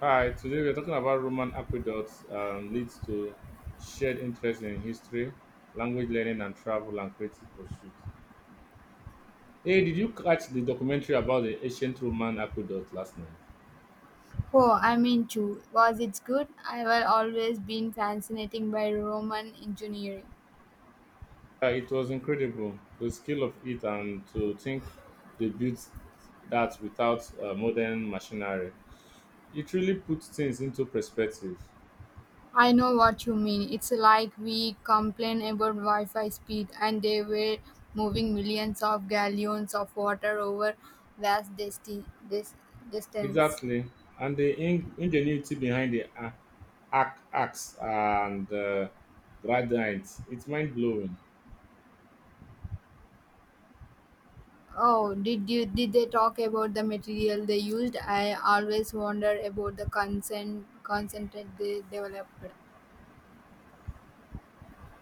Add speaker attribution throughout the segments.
Speaker 1: Hi, today we're talking about Roman aqueducts leads to shared interest in history, language learning, and travel and creative pursuits. Hey, did you catch the documentary about the ancient Roman aqueduct last night?
Speaker 2: Oh, I mean, too. Was it good? I have always been fascinated by Roman engineering.
Speaker 1: It was incredible, the skill of it, and to think they built that without modern machinery. It really puts things into perspective.
Speaker 2: I know what you mean. It's like we complain about Wi Fi speed, and they were moving millions of gallons of water over vast disti- dis- distance.
Speaker 1: Exactly, and the ingenuity behind the axe and gradient. It's mind blowing.
Speaker 2: Did they talk about the material they used? I always wonder about the consent concentrate they developed.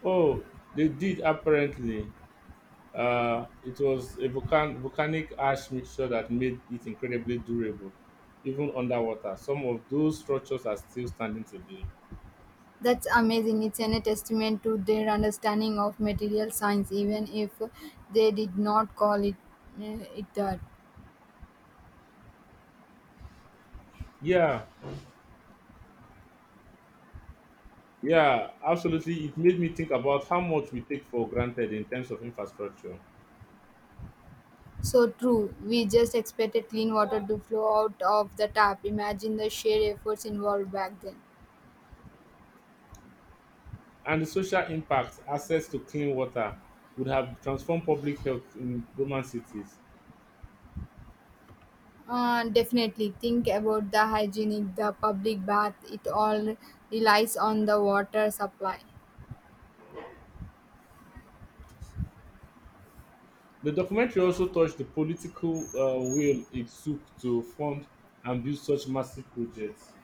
Speaker 1: Oh, they did apparently. It was a volcanic ash mixture that made it incredibly durable, even underwater. Some of those structures are still standing today.
Speaker 2: That's amazing. It's an a testament to their understanding of material science, even if they did not call it that.
Speaker 1: Yeah, yeah, absolutely. It made me think about how much we take for granted in terms of infrastructure
Speaker 2: So true. We just expected clean water to flow out of the tap. Imagine the sheer efforts involved back then.
Speaker 1: and the social impact. Access to clean water would have transformed public health in Roman cities.
Speaker 2: Definitely think about the hygienic, the public bath. It all relies on the water supply.
Speaker 1: The documentary also touched the political will it took to fund and build such massive projects.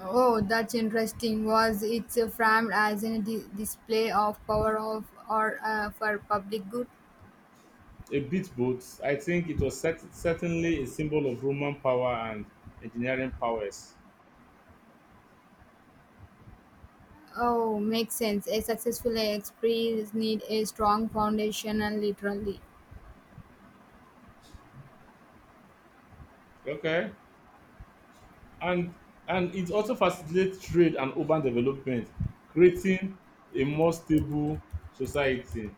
Speaker 2: Oh, that's interesting. Was it framed as a display of power of or for public good?
Speaker 1: A bit both. I think it was certainly a symbol of Roman power and engineering powers.
Speaker 2: Oh, makes sense. A successful experience need a strong foundation and literally.
Speaker 1: Okay, and it also facilitates trade and urban development, creating a more stable society.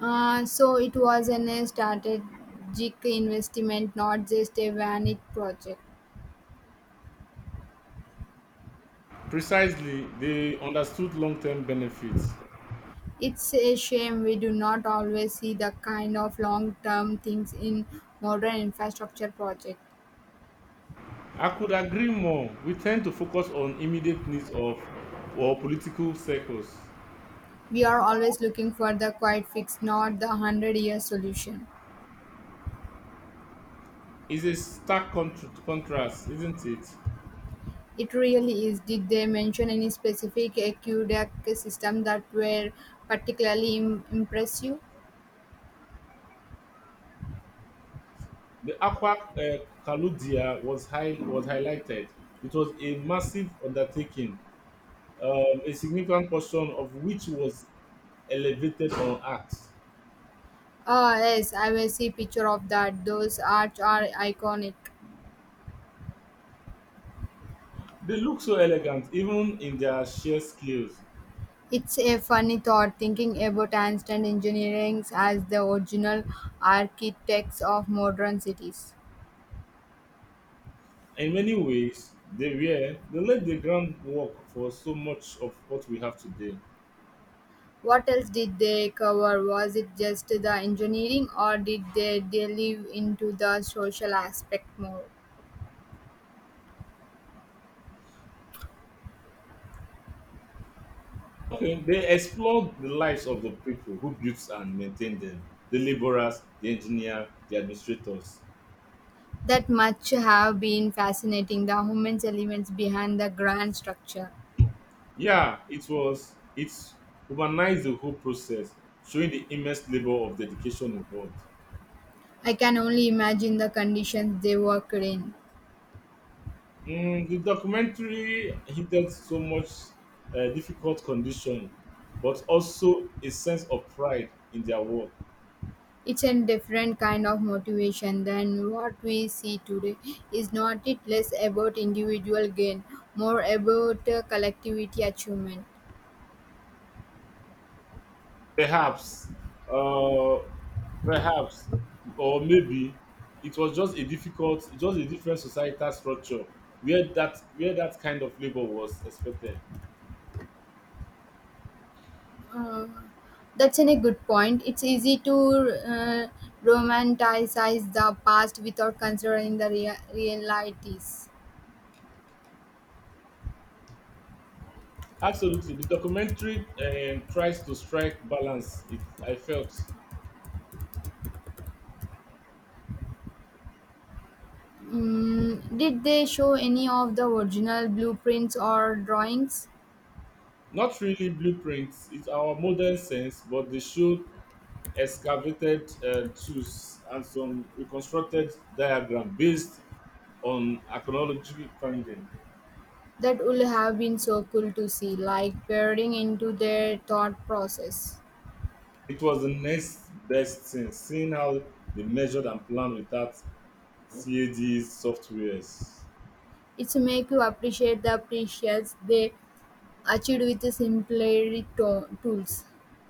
Speaker 2: So it was an a strategic investment, not just a vanity project.
Speaker 1: Precisely, they understood long-term benefits.
Speaker 2: It's a shame we do not always see the kind of long-term things in modern infrastructure projects.
Speaker 1: I could agree more. We tend to focus on immediate needs of our political circles.
Speaker 2: We are always looking for the quiet fix, not the hundred-year solution.
Speaker 1: It's a stark contrast, isn't it?
Speaker 2: It really is. Did they mention any specific aqueduct system that were impressive?
Speaker 1: The Aqua Caludia was highlighted. It was a massive undertaking, a significant portion of which was elevated on acts.
Speaker 2: Ah yes, I will see picture of that. Those arts are iconic.
Speaker 1: They look so elegant, even in their sheer scales.
Speaker 2: It's a funny thought thinking about Einstein engineering as the original architects of modern cities.
Speaker 1: In many ways, they laid the groundwork for so much of what we have today.
Speaker 2: What else did they cover? Was it just the engineering or did they delve into the social aspect more?
Speaker 1: Okay, they explored the lives of the people who built and maintained them, the laborers, the engineers, the administrators.
Speaker 2: That much have been fascinating, the human elements behind the grand structure.
Speaker 1: Yeah, it humanized the whole process, showing the immense labor of dedication involved.
Speaker 2: I can only imagine the conditions they worked in.
Speaker 1: Mm, the documentary hinted so much difficult condition, but also a sense of pride in their work.
Speaker 2: It's a different kind of motivation than what we see today. Is not it less about individual gain, more about collectivity achievement?
Speaker 1: Perhaps, uh, perhaps, or maybe it was just just a different societal structure where that kind of labor was expected.
Speaker 2: Uh, that's a good point. It's easy to romanticize the past without considering the realities.
Speaker 1: Absolutely, the documentary tries to strike balance. It I felt
Speaker 2: Mm, did they show any of the original blueprints or drawings?
Speaker 1: not really blueprints. It's our modern sense, but they showed excavated tools and some reconstructed diagram based on archaeology finding.
Speaker 2: That would have been so cool to see, like peering into their thought process.
Speaker 1: It was the next best thing, seeing how they measured and planned without CAD softwares.
Speaker 2: It's make you appreciate the precious they achieved with tools.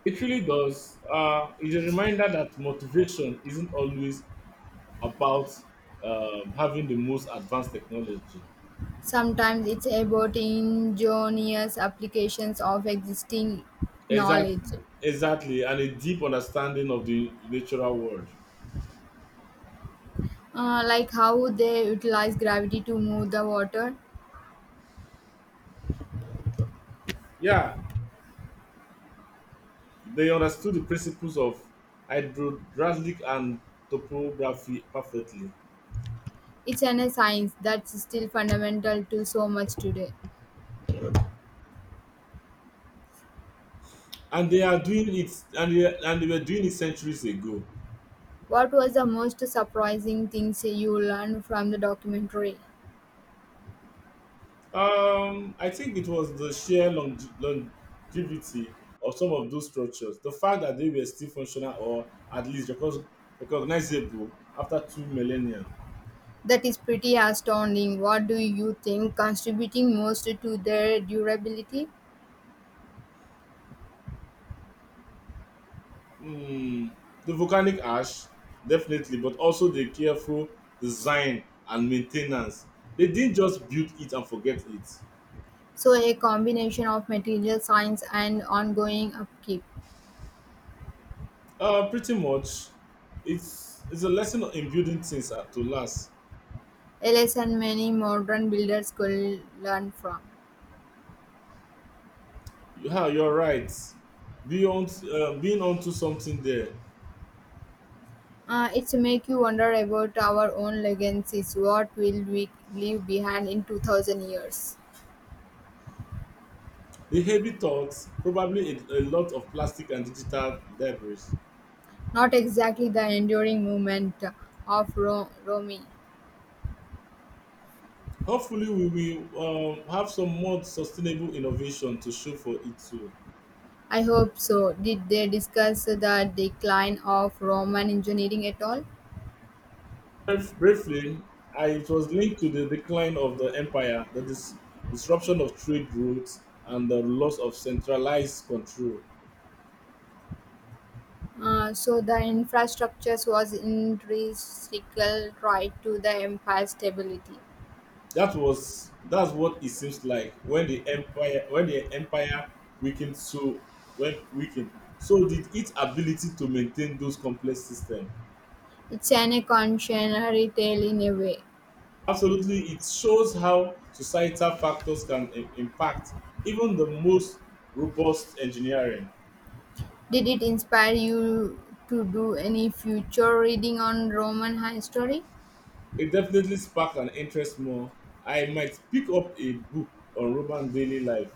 Speaker 1: It really does. It's a reminder that motivation isn't always about having the most advanced technology.
Speaker 2: Sometimes it's about ingenious applications of existing
Speaker 1: Exactly,
Speaker 2: knowledge.
Speaker 1: exactly, and a deep understanding of the natural world.
Speaker 2: Like how they utilize gravity to move the water.
Speaker 1: Yeah, they understood the principles of hydraulic and topography perfectly,
Speaker 2: It's an a science that's still fundamental to so much today.
Speaker 1: and they are doing it, and they were doing it centuries ago.
Speaker 2: What was the most surprising things you learned from the documentary?
Speaker 1: I think it was the sheer longevity of some of those structures, the fact that they were still functional or at least recognizable after two millennia.
Speaker 2: That is pretty astounding. What do you think contributing most to their durability?
Speaker 1: Hmm, the volcanic ash, definitely, but also the careful design and maintenance. They didn't just build it and forget it.
Speaker 2: So a combination of material science and ongoing upkeep,
Speaker 1: Pretty much, it's a lesson in building things to last.
Speaker 2: a lesson many modern builders could learn from.
Speaker 1: Yeah, you're right. Beyond being onto something there.
Speaker 2: It's make you wonder about our own legacies. What will we leave behind in 2000 years?
Speaker 1: The heavy thoughts, probably a lot of plastic and digital debris.
Speaker 2: Not exactly the enduring movement of Rome.
Speaker 1: Hopefully, we will have some more sustainable innovation to show for it too.
Speaker 2: I hope so. Did they discuss the decline of Roman engineering at all?
Speaker 1: Briefly, it was linked to the decline of the empire, the disruption of trade routes, and the loss of centralized control.
Speaker 2: So the infrastructures was intrinsical right to the empire's stability.
Speaker 1: That's what it seems like when the empire weakened, so when weakened so did its ability to maintain those complex systems.
Speaker 2: It's an evolutionary tale in a way.
Speaker 1: Absolutely, it shows how societal factors can impact even the most robust engineering.
Speaker 2: Did it inspire you to do any future reading on Roman history?
Speaker 1: It definitely sparked an interest more. I might pick up a book on Roman daily life.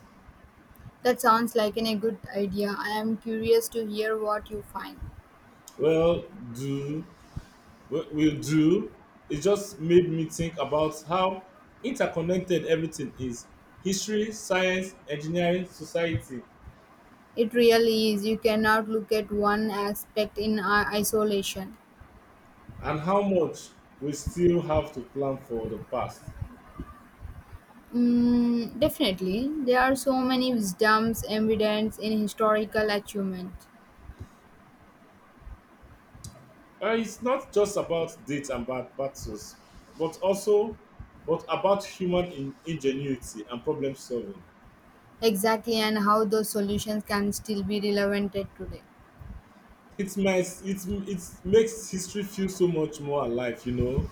Speaker 2: That sounds like a good idea. I am curious to hear what you find.
Speaker 1: Well, do will do. It just made me think about how interconnected everything is: history, science, engineering, society,
Speaker 2: It really is. You cannot look at one aspect in isolation.
Speaker 1: and how much we still have to plan for the past.
Speaker 2: Mm, definitely, there are so many wisdoms, evidence in historical achievement.
Speaker 1: It's not just about dates and bad battles, but also but about human ingenuity and problem solving.
Speaker 2: Exactly, and how those solutions can still be relevant at today.
Speaker 1: It makes history feel so much more alive, you know.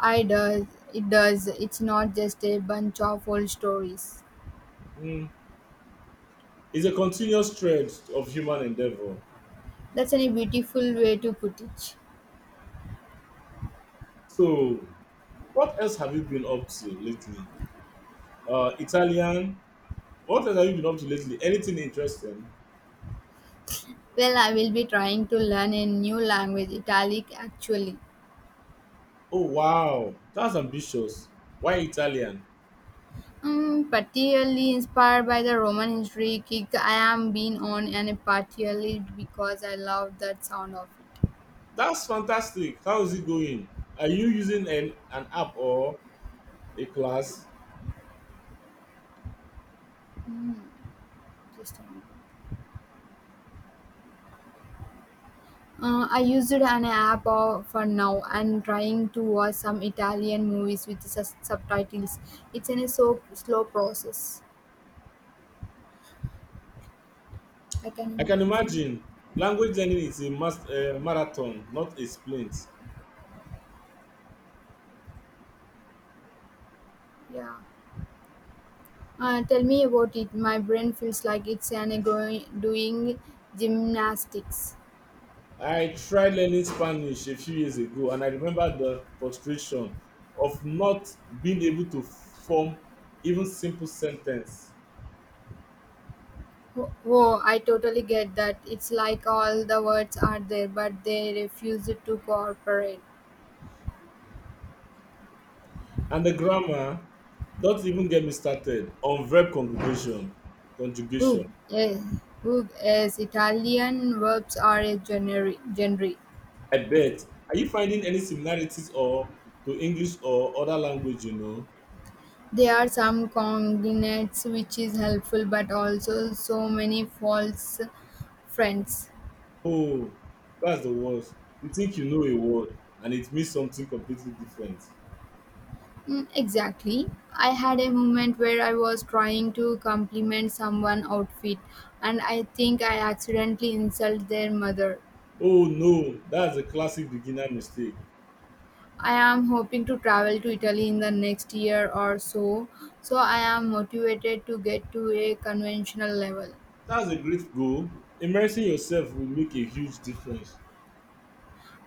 Speaker 2: I does It does. It's not just a bunch of old stories.
Speaker 1: Mm. It's a continuous thread of human endeavor.
Speaker 2: That's a beautiful way to put it.
Speaker 1: So, what else have you been up to lately? Italian. What else have you been up to lately? Anything interesting?
Speaker 2: Well, I will be trying to learn a new language, Italic actually.
Speaker 1: Oh wow, that's ambitious. Why Italian?
Speaker 2: Particularly inspired by the Roman history kick I am being on and partially because I love that sound of it.
Speaker 1: That's fantastic. How is it going? Are you using an app or a class?
Speaker 2: Mm, just a minute. I used an app of, for now and trying to watch some Italian movies with subtitles. It's in a so slow process. I can
Speaker 1: I can
Speaker 2: imagine.
Speaker 1: imagine language learning is a marathon, not a sprint.
Speaker 2: Yeah. Tell me about it. My brain feels like it's an going doing gymnastics.
Speaker 1: I tried learning Spanish a few years ago and I remember the frustration of not being able to form even simple sentence.
Speaker 2: Whoa, I totally get that. It's like all the words are there, but they refuse to cooperate.
Speaker 1: And the grammar, don't even get me started on verb conjugation.
Speaker 2: Who?
Speaker 1: Conjugation.
Speaker 2: Yes, who is Italian verbs are a genre.
Speaker 1: I bet. Are you finding any similarities or to English or other language you know?
Speaker 2: There are some cognates which is helpful, but also so many false friends.
Speaker 1: Oh, that's the worst. You think you know a word and it means something completely different.
Speaker 2: Mm, exactly. I had a moment where I was trying to compliment someone outfit and I think I accidentally insulted their mother.
Speaker 1: Oh no, that's a classic beginner mistake.
Speaker 2: I am hoping to travel to Italy in the next year or so, so I am motivated to get to a conventional level.
Speaker 1: That's a great goal. Immersing yourself will make a huge difference.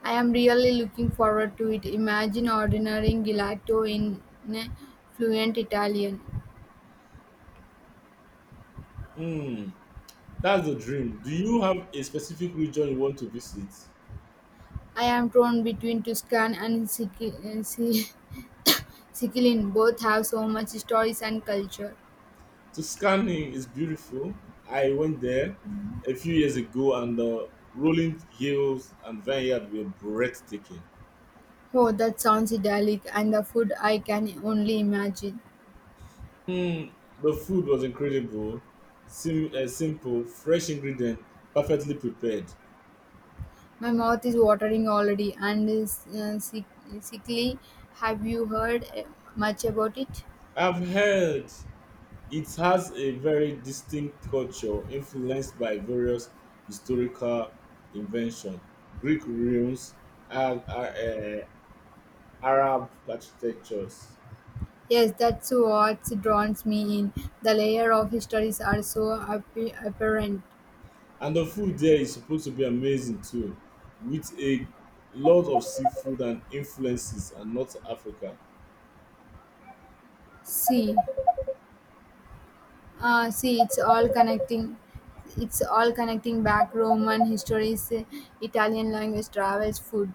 Speaker 2: I am really looking forward to it. Imagine ordering gelato in eh, fluent Italian.
Speaker 1: Hmm, that's the dream. Do you have a specific region you want to visit?
Speaker 2: I am torn between Tuscan and Sic- Sicilian. Both have so much stories and culture.
Speaker 1: Tuscany is beautiful. I went there a few years ago, and the rolling hills and vineyard were breathtaking.
Speaker 2: Oh, that sounds idyllic, and the food I can only imagine.
Speaker 1: Mm, the food was incredible, simple, fresh ingredient, perfectly prepared.
Speaker 2: My mouth is watering already, and is Sicily. Have you heard much about it?
Speaker 1: I've heard it has a very distinct culture influenced by various historical inventions, Greek ruins, and Arab architectures.
Speaker 2: Yes, that's what draws me in. The layer of histories are so apparent.
Speaker 1: And the food there is supposed to be amazing too, with a lot of seafood and influences and North Africa.
Speaker 2: See. See, it's all connecting. It's all connecting back Roman histories, Italian language, travels, food.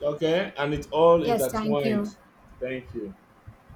Speaker 1: Okay, and it all
Speaker 2: Yes, thank you.
Speaker 1: intertwined. Thank you.